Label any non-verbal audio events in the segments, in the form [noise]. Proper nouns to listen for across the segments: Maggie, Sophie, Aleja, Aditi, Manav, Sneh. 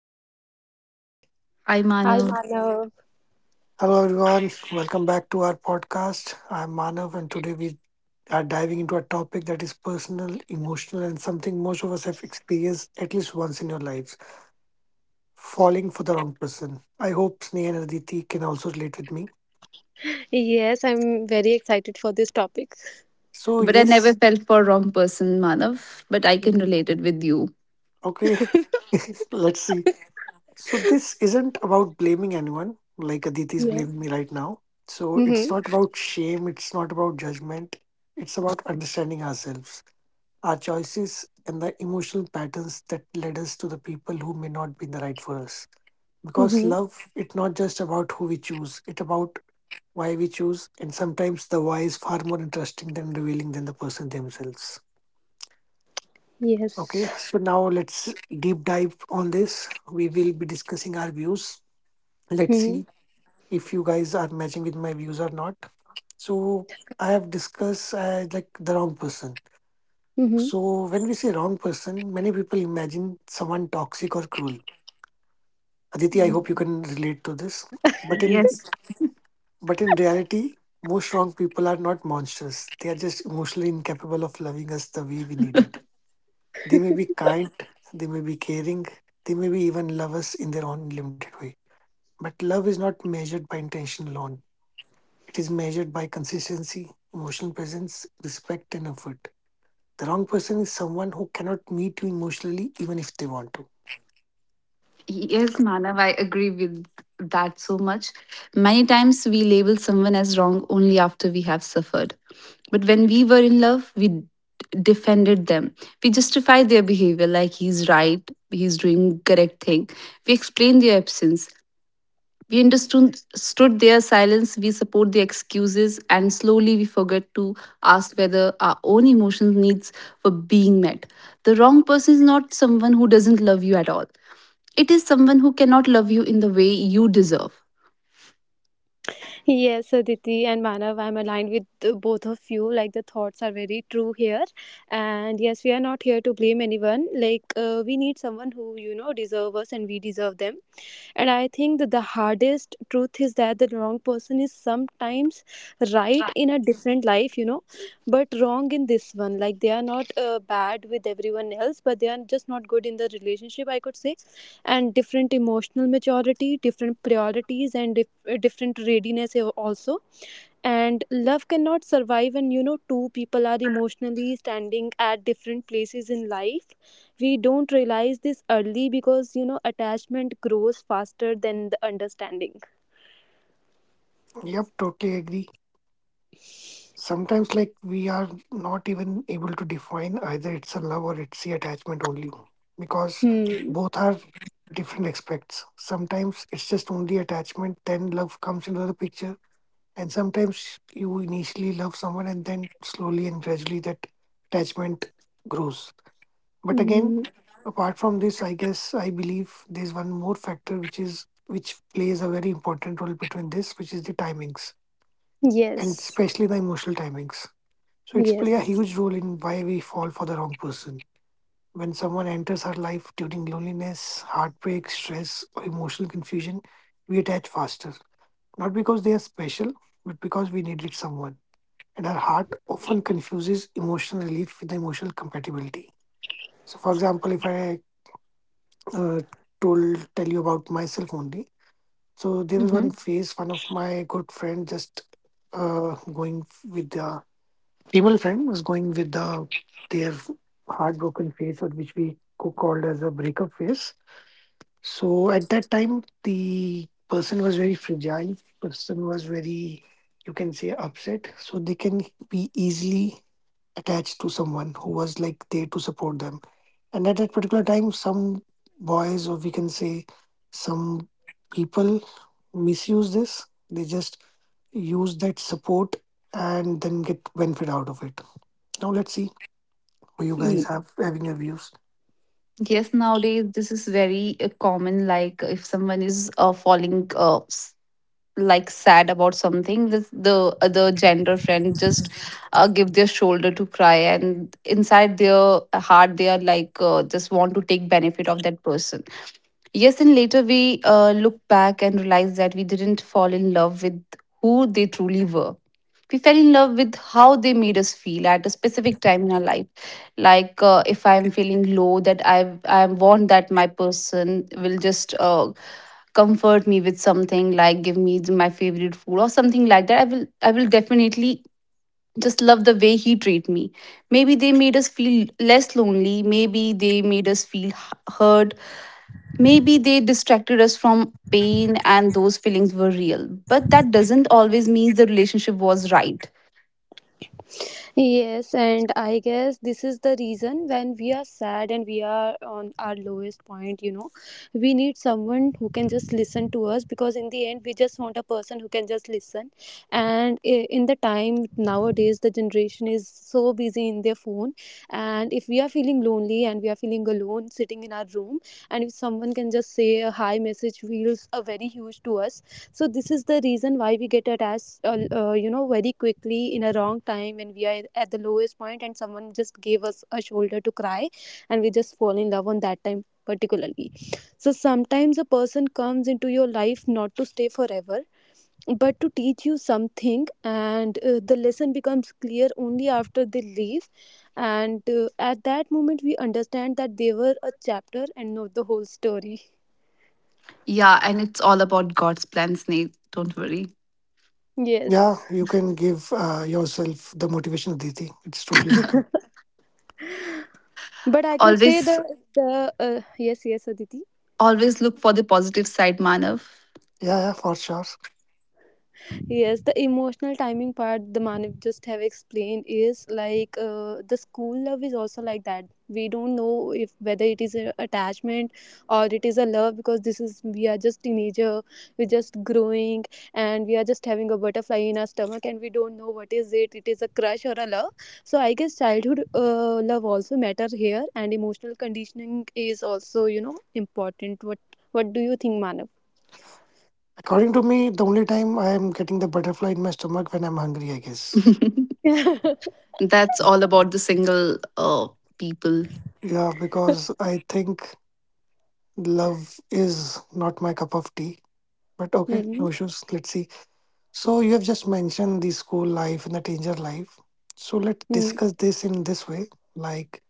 Hello, Diti. Hello, Sneh. I Hi, Manav. Manav. Hello, everyone. Welcome back to our podcast. I'm Manav, and today we are diving into a topic that is personal, emotional, and something most of us have experienced at least once in your lives falling for the wrong person. I hope Sneh and Aditi can also relate with me. Yes, I'm very excited for this topic. So, But I never yes, felt for wrong person, Manav. But I can mm, relate it with you. okay, [laughs] let's see. So this isn't about blaming anyone, like Aditi's Yes. blaming me right now. So it's Mm-hmm. not about shame, it's not about judgment. It's about understanding ourselves, our choices, and the emotional patterns that led us to the people who may not be the right for us. Because Mm-hmm. love, it's not just about who we choose, it's about why we choose, and sometimes the why is far more interesting than revealing than the person themselves. Okay, Yes. so now let's deep dive on this. We will be discussing our views. Let's Mm-hmm. see if you guys are matching with my views or not. So I have discussed like the wrong person. Mm-hmm. So when we say wrong person, many people imagine someone toxic or cruel. Aditi, I hope you can relate to this. But in Yes. but in reality, most wrong people are not monsters. They are just emotionally incapable of loving us the way we need it. They may be kind, they may be caring, they may be even love us in their own limited way. But love is not measured by intention alone. It is measured by consistency, emotional presence, respect, and effort. The wrong person is someone who cannot meet you emotionally even if they want to. Yes, Manav, I agree with that so much. Many times we label someone as wrong only after we have suffered. But when we were in love, defended them. We justified their behavior like he's right, he's doing correct thing. We explained their absence. We understood their silence, we support the excuses, and slowly we forget to ask whether our own emotional needs were being met. The wrong person is not someone who doesn't love you at all. It is someone who cannot love you in the way you deserve. Yes, Aditi and Manav, I'm aligned with the both of you. Like, the thoughts are very true here, and yes, we are not here to blame anyone. Like, we need someone who, you know, deserve us, and we deserve them. And I think that the hardest truth is that the wrong person is sometimes right in a different life, you know, but wrong in this one. Like, they are not bad with everyone else, but they are just not good in the relationship, I could say. And different emotional maturity, different priorities, and different readiness also. And love cannot survive when, you know, two people are emotionally standing at different places in life. We don't realize this early because, you know, attachment grows faster than the understanding. Yep, totally agree. Sometimes, like, we are not even able to define either it's a love or it's the attachment only because Hmm. both are different aspects. Sometimes it's just only attachment, then love comes into the picture, and sometimes you initially love someone and then slowly and gradually that attachment grows. But again, Mhm. apart from this, I guess I believe there's one more factor which plays a very important role between this, which is the timings and Yes. especially the emotional timings. So it's play a Yes. huge role in why we fall for the wrong person. When someone enters our life during loneliness, heartbreak, stress, or emotional confusion, we attach faster. Not because they are special, but because we needed someone. And our heart often confuses emotional relief with the emotional compatibility. So, for example, if I uh, told tell you about myself only. So there was one phase. One of my good friend just with the female friend was going with the their heartbroken phase, or which we called as a breakup phase. So at that time, the person was very fragile. Person was very, you can say, upset. So they can be easily attached to someone who was like there to support them, and at that particular time some boys, or we can say some people, misuse this. They just use that support and then get benefit out of it. Now let's see who you Mm. guys have having your views. Yes, nowadays this is very common. Like if someone is falling like sad about something, this the other gender friend just give their shoulder to cry, and inside their heart they are like just want to take benefit of that person. Yes, and later we look back and realize that we didn't fall in love with who they truly were. We fell in love with how they made us feel at a specific time in our life. Like if I'm feeling low that I want that my person will just comfort me with something, like give me my favorite food or something like that, I will definitely just love the way he treat me. Maybe they made us feel less lonely, maybe they made us feel hurt, maybe they distracted us from pain, and those feelings were real, but that doesn't always mean the relationship was right. Yes, and I guess this is the reason when we are sad and we are on our lowest point, you know, we need someone who can just listen to us, because in the end, we just want a person who can just listen. And in the time nowadays, the generation is so busy in their phone. And if we are feeling lonely and we are feeling alone sitting in our room, and if someone can just say a hi message, feels a very huge to us. So this is the reason why we get attached, you know, very quickly in a wrong time when we are at the lowest point and someone just gave us a shoulder to cry, and we just fall in love on that time particularly. So sometimes a person comes into your life not to stay forever, but to teach you something, and the lesson becomes clear only after they leave. And at that moment we understand that they were a chapter and not the whole story. Yeah, and it's all about God's plan, Snape, don't worry. Yeah, Yes, you can give yourself the motivation, Diti. It's totally okay. but I could say the Always, the yes, yes, Aditi. always look for the positive side, Manav. Yeah, yeah, for sure. Yes, the emotional timing part the Manav just have explained is like, the school love is also like that. We don't know if whether it is an attachment or it is a love, because this is we are just teenager, we're just growing, and we are just having a butterfly in our stomach, and we don't know what is it, it is a crush or a love. So I guess childhood love also matter here, and emotional conditioning is also, you know, important. What do you think, Manav? According to me, the only time I am getting the butterfly in my stomach when I'm hungry, I guess. [laughs] Mhm. That's all about the single people. Yeah, because I think love is not my cup of tea. But okay, Mhm. no issues. Let's see. So you have just mentioned the school life and the teenager life. So let's discuss this in this way, like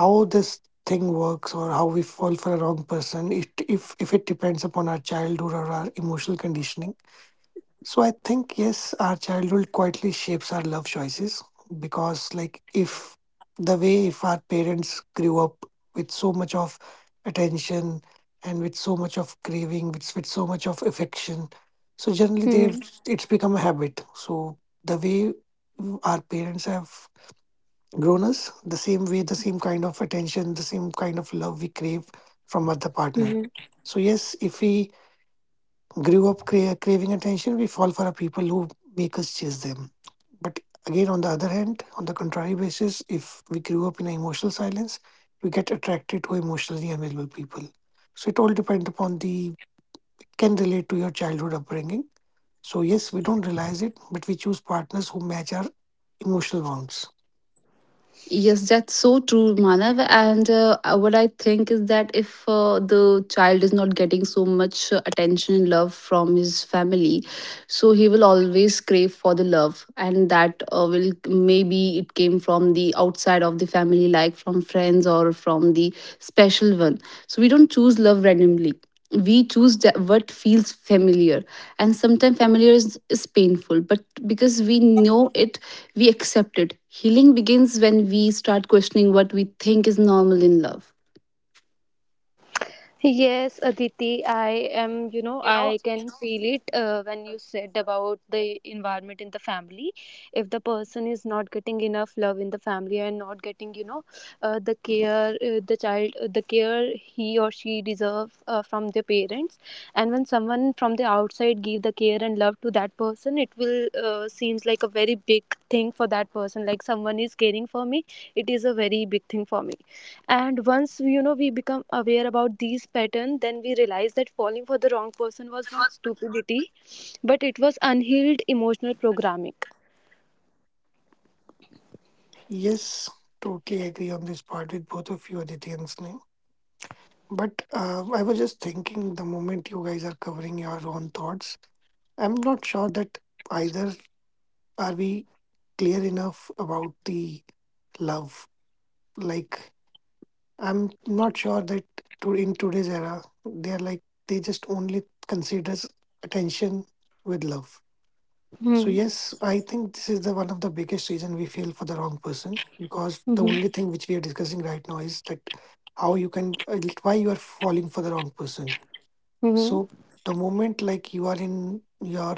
how this thing works or how we fall for a wrong person. It, if it depends upon our childhood or our emotional conditioning. So I think yes, our childhood quietly shapes our love choices because like if the way if our parents grew up with so much of attention and with so much of craving, with so much of affection, so generally Mhm. they've it's become a habit. So the way our parents have grown us, the same way, the same kind of attention, the same kind of love we crave from other partner. Mhm. So yes, if we craving attention, we fall for people who make us chase them. But again, on the other hand, on the contrary basis, if we grew up in emotional silence, we get attracted to emotionally available people. So it all depends upon the can relate to your childhood upbringing. So yes, we don't realize it, but we choose partners who match our emotional wants. Yes, that's so true, Manav. And what I think is that if the child is not getting so much attention and love from his family, so he will always crave for the love, and that will maybe it came from the outside of the family, like from friends or from the special one. So we don't choose love randomly. We choose that what feels familiar, and sometimes familiar is painful, but because we know it, we accept it. Healing begins when we start questioning what we think is normal in love. Yes, Aditi, I am, you know, I can feel it when you said about the environment in the family. If the person is not getting enough love in the family and not getting, you know, the care, the child, the care he or she deserve from their parents, and when someone from the outside give the care and love to that person, it will seems like a very big thing for that person. Like, someone is caring for me, it is a very big thing for me. And you know, we become aware about these patterns, then we realize that falling for the wrong person was not stupidity, but it was unhealed emotional programming. Yes, totally agree on this part with both of you, Aditi and Sneh. But I was just thinking the moment you guys are covering your own thoughts, I'm not sure that either are we clear enough about the love. Like, I'm not sure that to, in today's era, they're like, they just only considers attention with love. So, Hmm. yes, I think this is the one of the biggest reason we feel for the wrong person because the Mhm. only thing which we are discussing right now is that how you can, why you are falling for the wrong person. Mhm. So, the moment like you are in your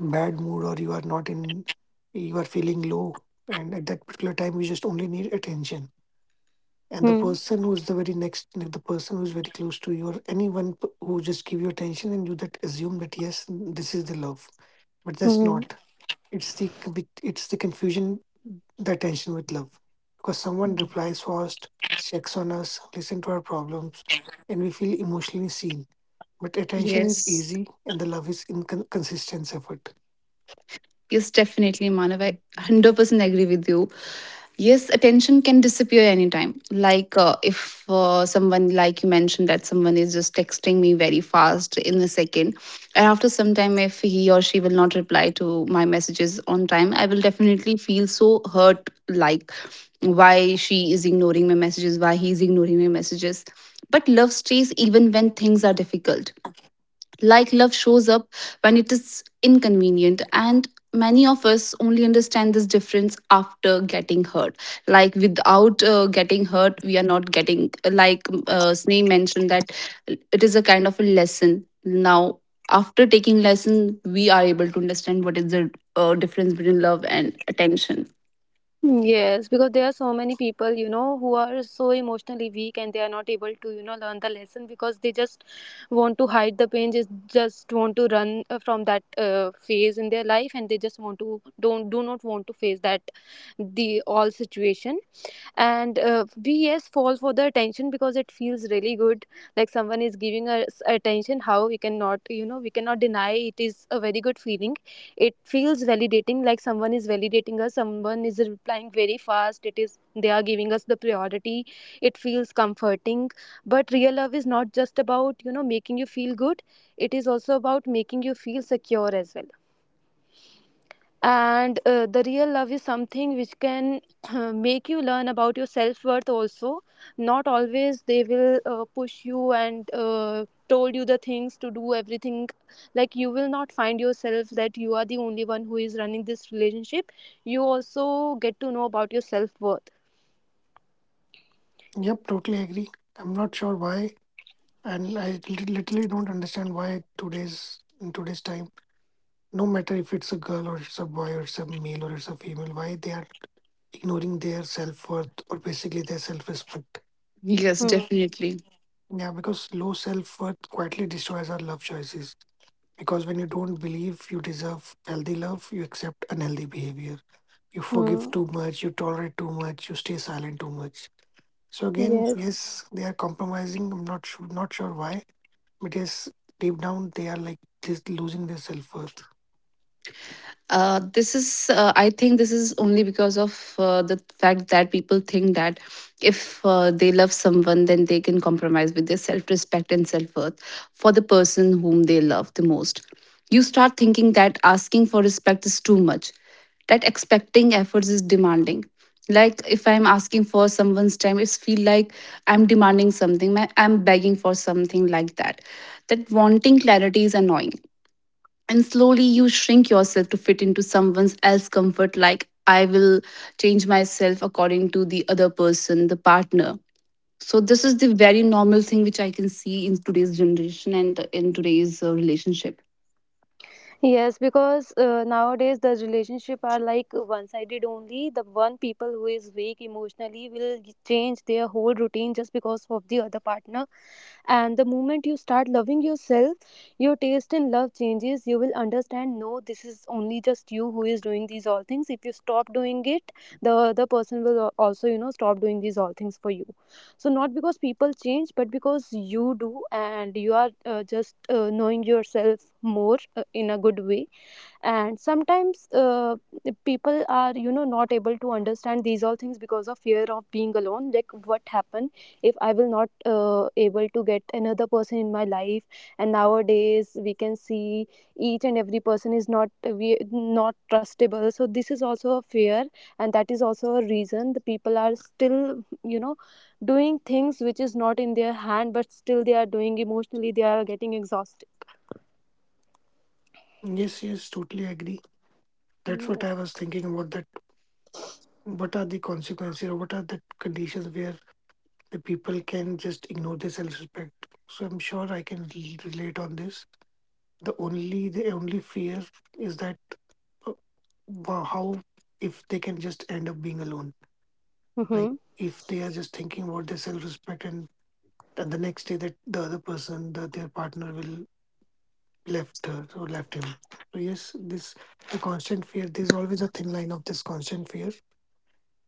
bad mood or you are not in you are feeling low, and at that particular time you just only need attention, and the Mhm. person who's the very next, the person who's very close to you, or who just give you attention, and you that assume that yes, this is the love. But that's Mhm. not, it's the it's the confusion, the attention with love, because someone replies fast, checks on us, listen to our problems, and we feel emotionally seen. But attention is Yes. easy and the love is inconsistent effort. Yes, definitely, Manav. I 100% agree with you. Yes, attention can disappear anytime. Like if someone, like you mentioned, that someone is just texting me very fast in a second, and after some time, if he or she will not reply to my messages on time, I will definitely feel so hurt. Like why she is ignoring my messages, why he is ignoring my messages. But love stays even when things are difficult. Like love shows up when it is inconvenient, and many of us only understand this difference after getting hurt. Like without getting hurt, we are not getting, like Sneh mentioned, that it is a kind of a lesson. Now, after taking lesson, we are able to understand what is the difference between love and attention. Yes, because there are so many people, you know, who are so emotionally weak and they are not able to, you know, learn the lesson, because they just want to hide the pain, just want to run from that phase in their life, and they just want to don't, do not want to face that the all situation. And we, yes, fall for the attention because it feels really good. Like, someone is giving us attention, how we cannot, you know, we cannot deny, it is a very good feeling. It feels validating, like someone is validating us, someone is replying very fast, it is they are giving us the priority. It feels comforting. But real love is not just about, you know, making you feel good, it is also about making you feel secure as well. And the real love is something which can [clears throat] make you learn about your self-worth also. Not always they will push you and told you the things to do everything. Like, you will not find yourself that you are the only one who is running this relationship, you also get to know about your self-worth. Yep, totally agree. I'm not sure why, and I literally don't understand why today's in today's time, no matter if it's a girl or it's a boy or it's a male or it's a female, why they are ignoring their self worth or basically their self respect. Yes, Hmm. definitely. Yeah, because low self worth quietly destroys our love choices. Because when you don't believe you deserve healthy love, you accept unhealthy behavior. You forgive Hmm. too much, you tolerate too much, you stay silent too much. So again, Yes. yes, they are compromising. I'm not sure why, because deep down they are like this losing their self-worth. This is, I think, this is only because of the fact that people think that if they love someone, then they can compromise with their self respect and self worth for the person whom they love the most. You start thinking that asking for respect is too much, that expecting efforts is demanding. Like if I'm asking for someone's time, it's feel like I'm demanding something, I'm begging for something like that. That wanting clarity is annoying, and slowly you shrink yourself to fit into someone else's comfort. Like I will change myself according to the other person, the partner. So this is the very normal thing which I can see in today's generation and in today's relationship. Yes, because nowadays the relationship are like one-sided only. The one people who is weak emotionally will change their whole routine just because of the other partner. And the moment you start loving yourself, your taste in love changes. You will understand, no, this is only just you who is doing these all things. If you stop doing it, the other person will also, you know, stop doing these all things for you. So not because people change, but because you do, and you are, just, knowing yourself more in a good way. And sometimes, people are, you know, not able to understand these all things because of fear of being alone. Like, what happen if I will not able to get another person in my life? And nowadays we can see each and every person is not, we not trustable, so this is also a fear. And that is also a reason the people are still, you know, doing things which is not in their hand, but still they are doing, emotionally they are getting exhausted. Yes, yes, totally agree. That's what I was thinking about, that what are the consequences or what are the conditions where the people can just ignore their self-respect. So I'm sure I can relate on this. The only fear is that, uh, how if they can just end up being alone. Like Mm-hmm. if they are just thinking about their self-respect, and the next day that the other person, the, their partner will left her or left him. So yes, this the constant fear. There's always a thin line of this constant fear,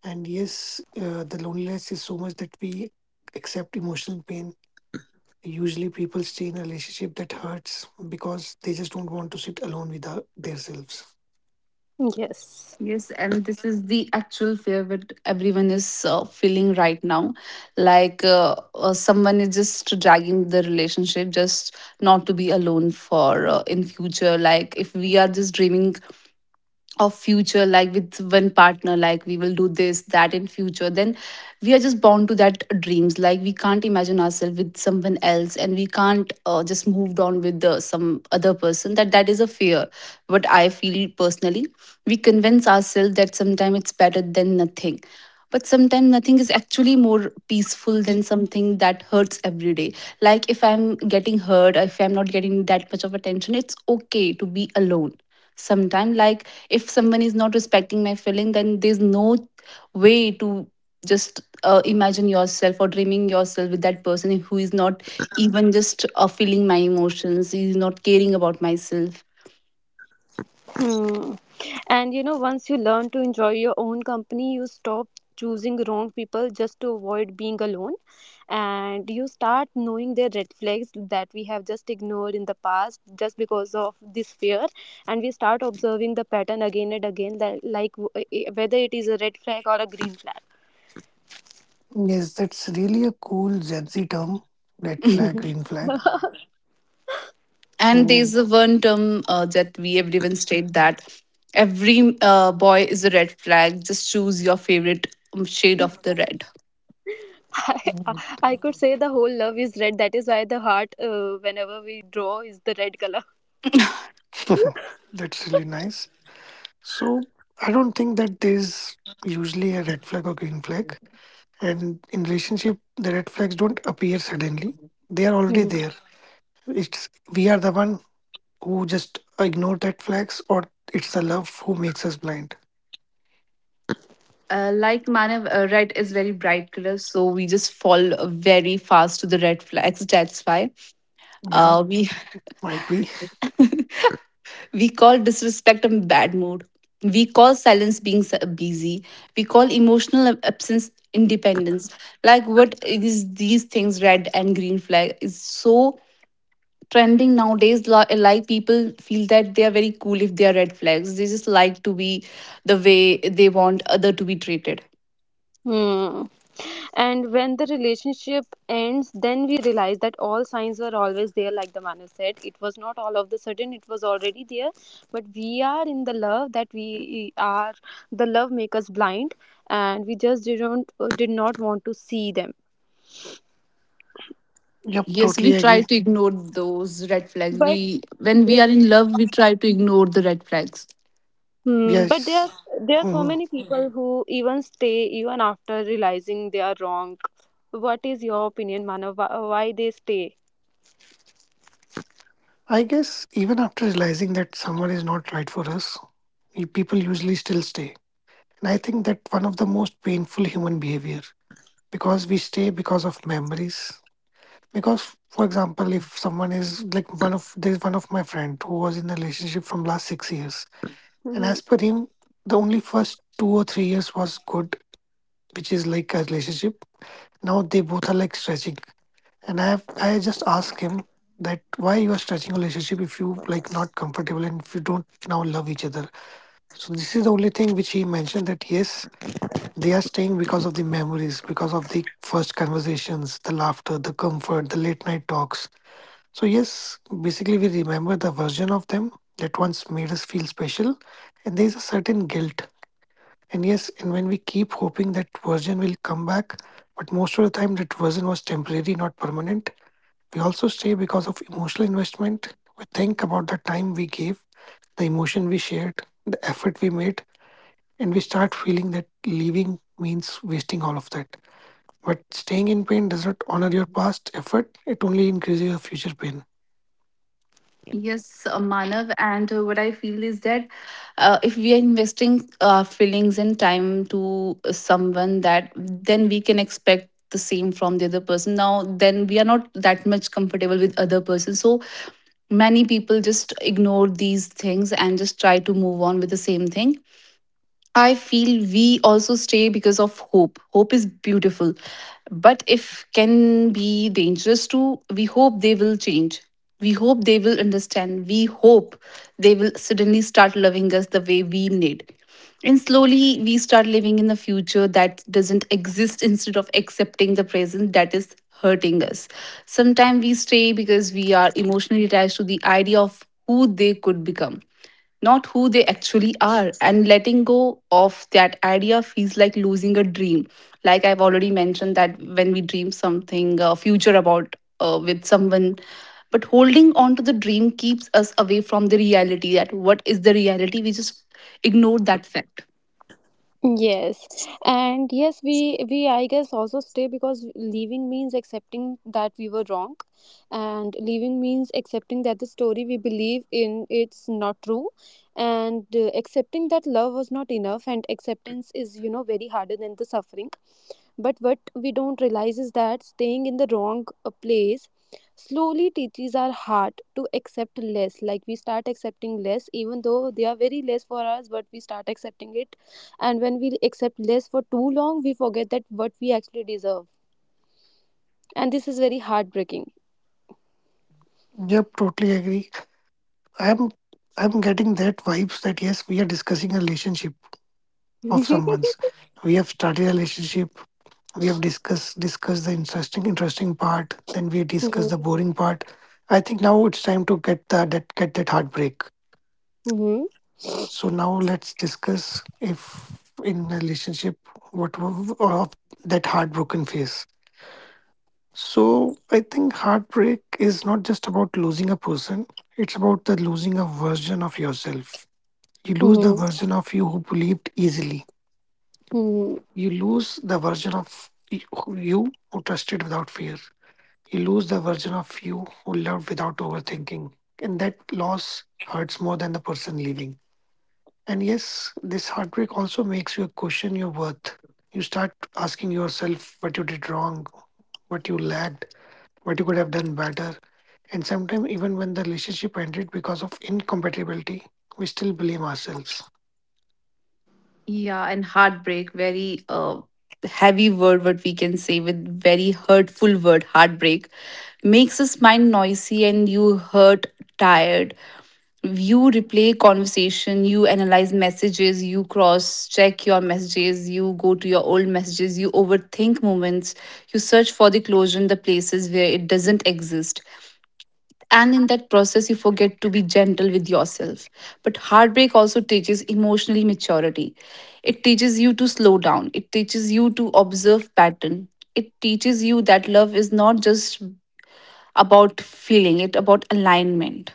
and yes, the loneliness is so much that we accept emotional pain. Usually, people stay in a relationship that hurts because they just don't want to sit alone with our, themselves. Yes. Yes, and this is the actual fear that everyone is feeling right now. Like someone is just dragging the relationship just not to be alone for in future. Like if we are just dreaming of future, like with one partner, like we will do this that in future, then we are just bound to that dreams. Like we can't imagine ourselves with someone else, and we can't just moved on with the some other person. That is a fear. But I feel personally, we convince ourselves that sometimes it's better than nothing. But sometimes nothing is actually more peaceful than something that hurts every day. Like if I'm getting hurt, if I'm not getting that much of attention, it's okay to be alone sometimes. Like if someone is not respecting my feeling, then there's no way to just imagine yourself or dreaming yourself with that person who is not even just feeling my emotions, is not caring about myself. Hmm. And you know, once you learn to enjoy your own company, you stop choosing wrong people just to avoid being alone. And you start knowing the red flags that we have just ignored in the past just because of this fear. And we start observing the pattern again and again, that, like, whether it is a red flag or a green flag. Yes, that's really a cool Gen Z term. Red flag, Mhm. green flag. And So there's a one term that we everyone state, that every boy is a red flag, just choose your favorite shade of the red. [laughs] I, mm, I could say the whole love is red. That is why the heart, whenever we draw, is the red color. [laughs] that's really nice. So I don't think that there's usually a red flag or green flag. And in relationship, the red flags don't appear suddenly. They are already Mhm. there. It's we are the one who just ignore that flags or it's the love who makes us blind. Uh, like Manav, red is very bright color, so we just fall very fast to the red flags. That's why Yeah, we... might be. We call disrespect a bad mood. We call silence being busy. We call emotional absence independence. Like what is these things, red and green flag is so trending nowadays. Like people feel that they are very cool if they are red flags. They just like to be the way they want other to be treated. Hmm. And when the relationship ends, then we realize that all signs were always there, like the Manu said. It was not all of the sudden, it was already there. But we are in the love that we are, the love make us blind, and we just didn't, did not want to see them. Yep, Yes, we totally try agree. to ignore those red flags. We when we are in love, we try to ignore the red flags. Hmm, but Yes. there are so Mhm. many people who even stay even after realizing they are wrong. What is your opinion, Manu? Why they stay? I guess even after realizing that someone is not right for us, people usually still stay. And I think that one of the most painful human behavior, because we stay because of memories, because for example if someone is like one of there's one of my friend who was in a relationship from last 6 years, and as per him the only first 2 or 3 years was good, which is like a relationship. Now they both are like stretching, and I just ask him that why you are stretching a relationship if you like not comfortable and if you don't now love each other. So this is the only thing which he mentioned that yes, they are staying because of the memories, because of the first conversations, the laughter, the comfort, the late night talks. So, yes, basically, we remember the version of them that once made us feel special, and there is a certain guilt. And yes, and when we keep hoping that version will come back, but most of the time that version was temporary, not permanent. We also stay because of emotional investment. We think about the time we gave, the emotion we shared, the effort we made, and we start feeling that leaving means wasting all of that. But staying in pain does not honor your past effort, it only increases your future pain. Yes, Manav, and what I feel is that if we are investing our feelings and time to someone, that then we can expect the same from the other person. Now, then we are not that much comfortable with other person, so many people just ignore these things and just try to move on with the same thing. I feel we also stay because of hope. Hope is beautiful, but if can be dangerous too. We hope they will change. We hope they will understand. We hope they will suddenly start loving us the way we need. And slowly we start living in a future that doesn't exist instead of accepting the present that is hurting us. Sometimes we stay because we are emotionally attached to the idea of who they could become, not who they actually are. And letting go of that idea feels like losing a dream. Like I've already mentioned that when we dream something, a future about with someone, but holding on to the dream keeps us away from the reality. That what is the reality? We just ignore that fact. Yes, and yes, we I guess also stay because leaving means accepting that we were wrong, and leaving means accepting that the story we believe in, it's not true, and accepting that love was not enough, and acceptance is, you know, very harder than the suffering. But what we don't realize is that staying in the wrong place slowly teaches our heart to accept less. Like, we start accepting less, even though they are very less for us, but we start accepting it. And when we accept less for too long, we forget that what we actually deserve, and this is very heartbreaking. Yep, totally agree. I'm I'm getting that vibes that yes, we are discussing a relationship of [laughs] someone's. We have started a relationship. We have discussed the interesting part. Then we discuss the Mhm. boring part. I think now it's time to get that heartbreak. Mhm. So now let's discuss if in a relationship what w- of that heartbroken phase. So I think heartbreak is not just about losing a person. It's about the losing a version of yourself. You lose the Mhm. version of you who believed easily. Mhm. You lose the version of you who trusted without fear. You lose the version of you who loved without overthinking. And that loss hurts more than the person leaving. And yes, this heartbreak also makes you question your worth. You start asking yourself what you did wrong, what you lacked, what you could have done better. And sometimes, even when the relationship ended because of incompatibility, we still blame ourselves. Yeah, and heartbreak, very heavy word, what we can say, with very hurtful word, heartbreak, makes us mind noisy and you hurt tired. You replay conversation, you analyze messages, you cross check your messages, you go to your old messages, you overthink moments, you search for the closure in the places where it doesn't exist. And in that process, you forget to be gentle with yourself. But heartbreak also teaches emotional maturity. It teaches you to slow down, it teaches you to observe pattern. It teaches you that love is not just about feeling, it about alignment.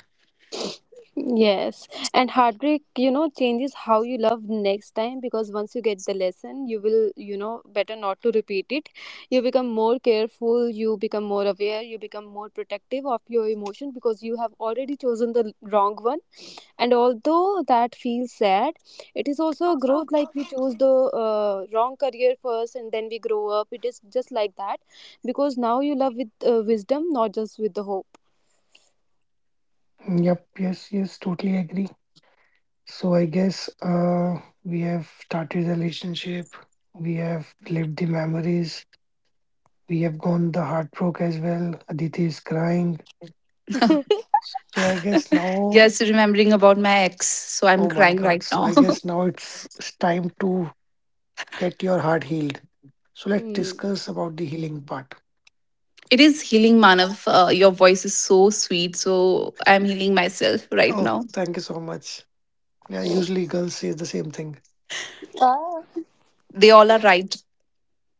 Yes, and heartbreak, you know, changes how you love next time, because once you get the lesson, you will, you know, better not to repeat it. You become more careful, you become more aware, you become more protective of your emotion because you have already chosen the wrong one. And although that feels sad, it is also a growth. Like, we choose the wrong career first and then we grow up, it is just like that. Because now you love with wisdom, not just with the hope. Yep, yes, yes, totally agree. So I guess we have started the relationship, we have lived the memories, we have gone the heartbreak as well. Aditi is crying. [laughs] So I guess now, Just remembering about my ex, so I'm oh my crying God. right So now. I guess now it's time to get your heart healed. So let's Hmm. discuss about the healing part. [laughs] It is healing, Manav. Your voice is so sweet, so I'm healing myself right now. Oh, thank you so much. Yeah, usually girls say the same thing. They all are right.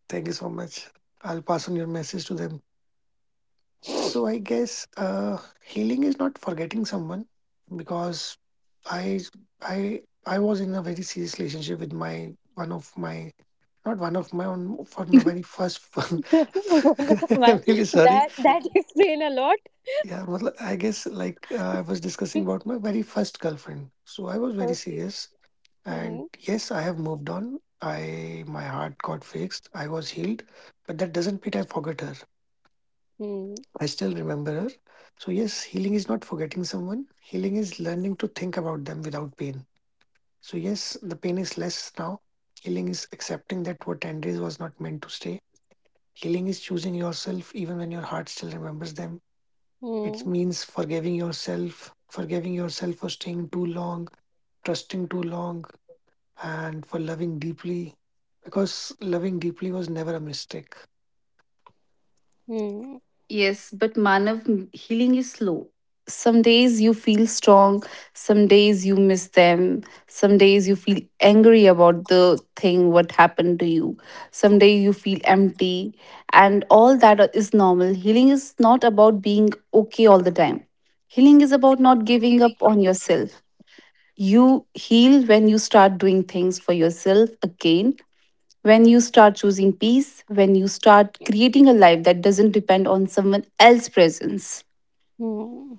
Thank you so much. I'll pass on your message to them. So I guess healing is not forgetting someone because I I was in a very serious relationship with my one of my not one of my own for my very first. [laughs] One of [laughs] my- I'm really sorry. that that [laughs] explain a lot. Yeah, मतलब, I guess I was discussing about my very first girlfriend. So I was very Okay. serious, and Mm-hmm. yes, I have moved on. I my heart got fixed. I was healed, but that doesn't mean I forgot her. I still remember her. So, yes, healing is not forgetting someone. Healing is learning to think about them without pain. So, yes, the pain is less now. Healing is accepting that what ended was not meant to stay. Healing is choosing yourself even when your heart still remembers them. It Mm-hmm. means forgiving yourself for staying too long, trusting too long, and for loving deeply. Because loving deeply was never a mistake. Yes, but Manav, healing is slow. Some days you feel strong, some days you miss them, some days you feel angry about the thing what happened to you, some day you feel empty, and all that is normal. Healing is not about being okay all the time. Healing is about not giving up on yourself. You heal when you start doing things for yourself again, when you start choosing peace, when you start creating a life that doesn't depend on someone else's presence. Mm-hmm.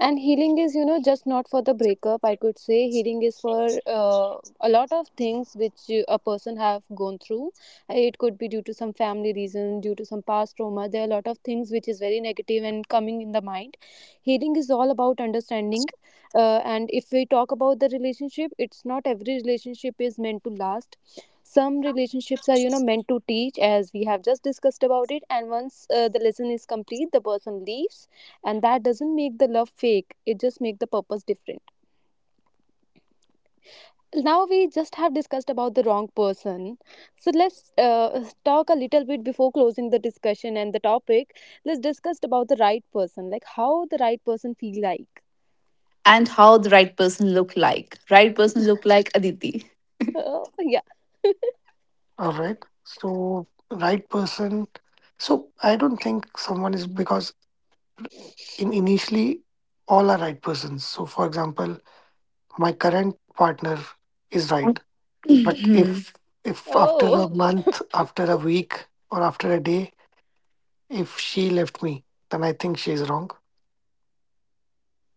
And healing is, you know, just not for the breakup, I could say. Healing is for uh, a lot of things which a person have gone through. It could be due to some family reason, due to some past trauma, there are a lot of things which is very negative and coming in the mind. Healing is all about understanding. And if we talk about the relationship, it's not every relationship is meant to last. Some relationships are, you know, meant to teach, as we have just discussed about it, and once the lesson is complete, the person leaves. And that doesn't make the love fake, it just make the purpose different. Now we just have discussed about the wrong person, so let's talk a little bit before closing the discussion and the topic. Let's discuss about the right person, like how the right person feel like. And how the right person look like. Right person look like Aditi. Oh yeah. All right. So right person. So I don't think someone is because in initially all are right persons. So for example, my current partner is right. But Mhm. If Oh after a [laughs] month, after a week, or after a day, if she left me, then I think she's wrong.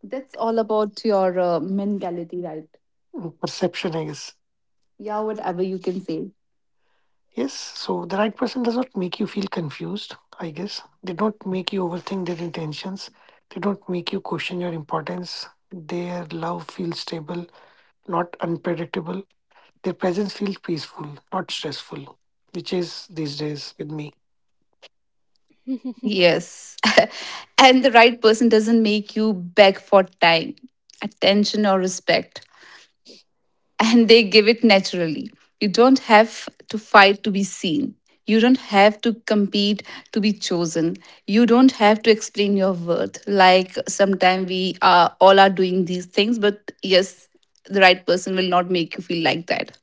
That's all about your mentality, right? Perception, I guess. Yeah, whatever you can say. Yes, so the right person does not make you feel confused, I guess. They don't make you overthink their intentions. They don't make you question your importance. Their love feels stable, not unpredictable. Their presence feels peaceful, not stressful, which is these days with me. Yes. [laughs] And the right person doesn't make you beg for time, attention, or respect, and they give it naturally. You don't have to fight to be seen. You don't have to compete to be chosen. You don't have to explain your worth. Like sometimes we are all are doing these things, but yes, the right person will not make you feel like that.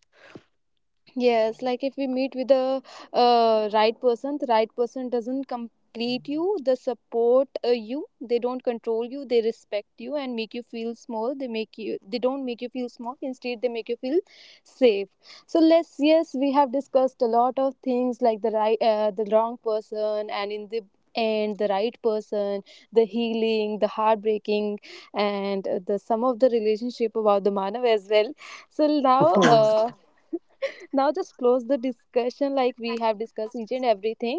Yes, like if we meet with the right person, the right person doesn't complete you, they support you, they don't control you, they respect you and make you feel small. They make you, they don't make you feel small. Instead, they make you feel safe. So let's, yes, we have discussed a lot of things, like the right, the wrong person, and in the end, the right person, the healing, the heartbreaking, and the some of the relationship about the Manav as well. So now. [laughs] Oh, Now just close the discussion, like we have discussed each and everything.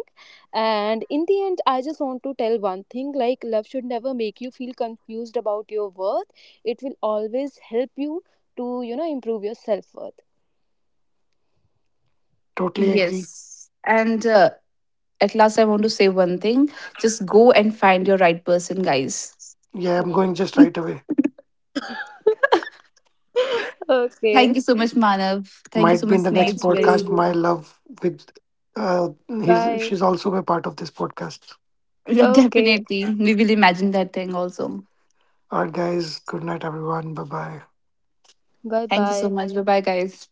And in the end, I just want to tell one thing, like love should never make you feel confused about your worth, it will always help you to, you know, improve your self-worth. totally agree. Yes. And at last, I want to say one thing, just go and find your right person, guys. Yeah, I'm Hmm. going just right [laughs] away. Thank Okay. you so much, Manav. Thank you Might so be much, in the Sneh. Bye. next It's very... podcast, my love with uh his Okay. she's also a part of this podcast. [laughs] Yeah, Okay. definitely. We will imagine that thing also. Alright guys, good night everyone. Bye bye. Bye Thank you so bye. much. Bye bye, guys.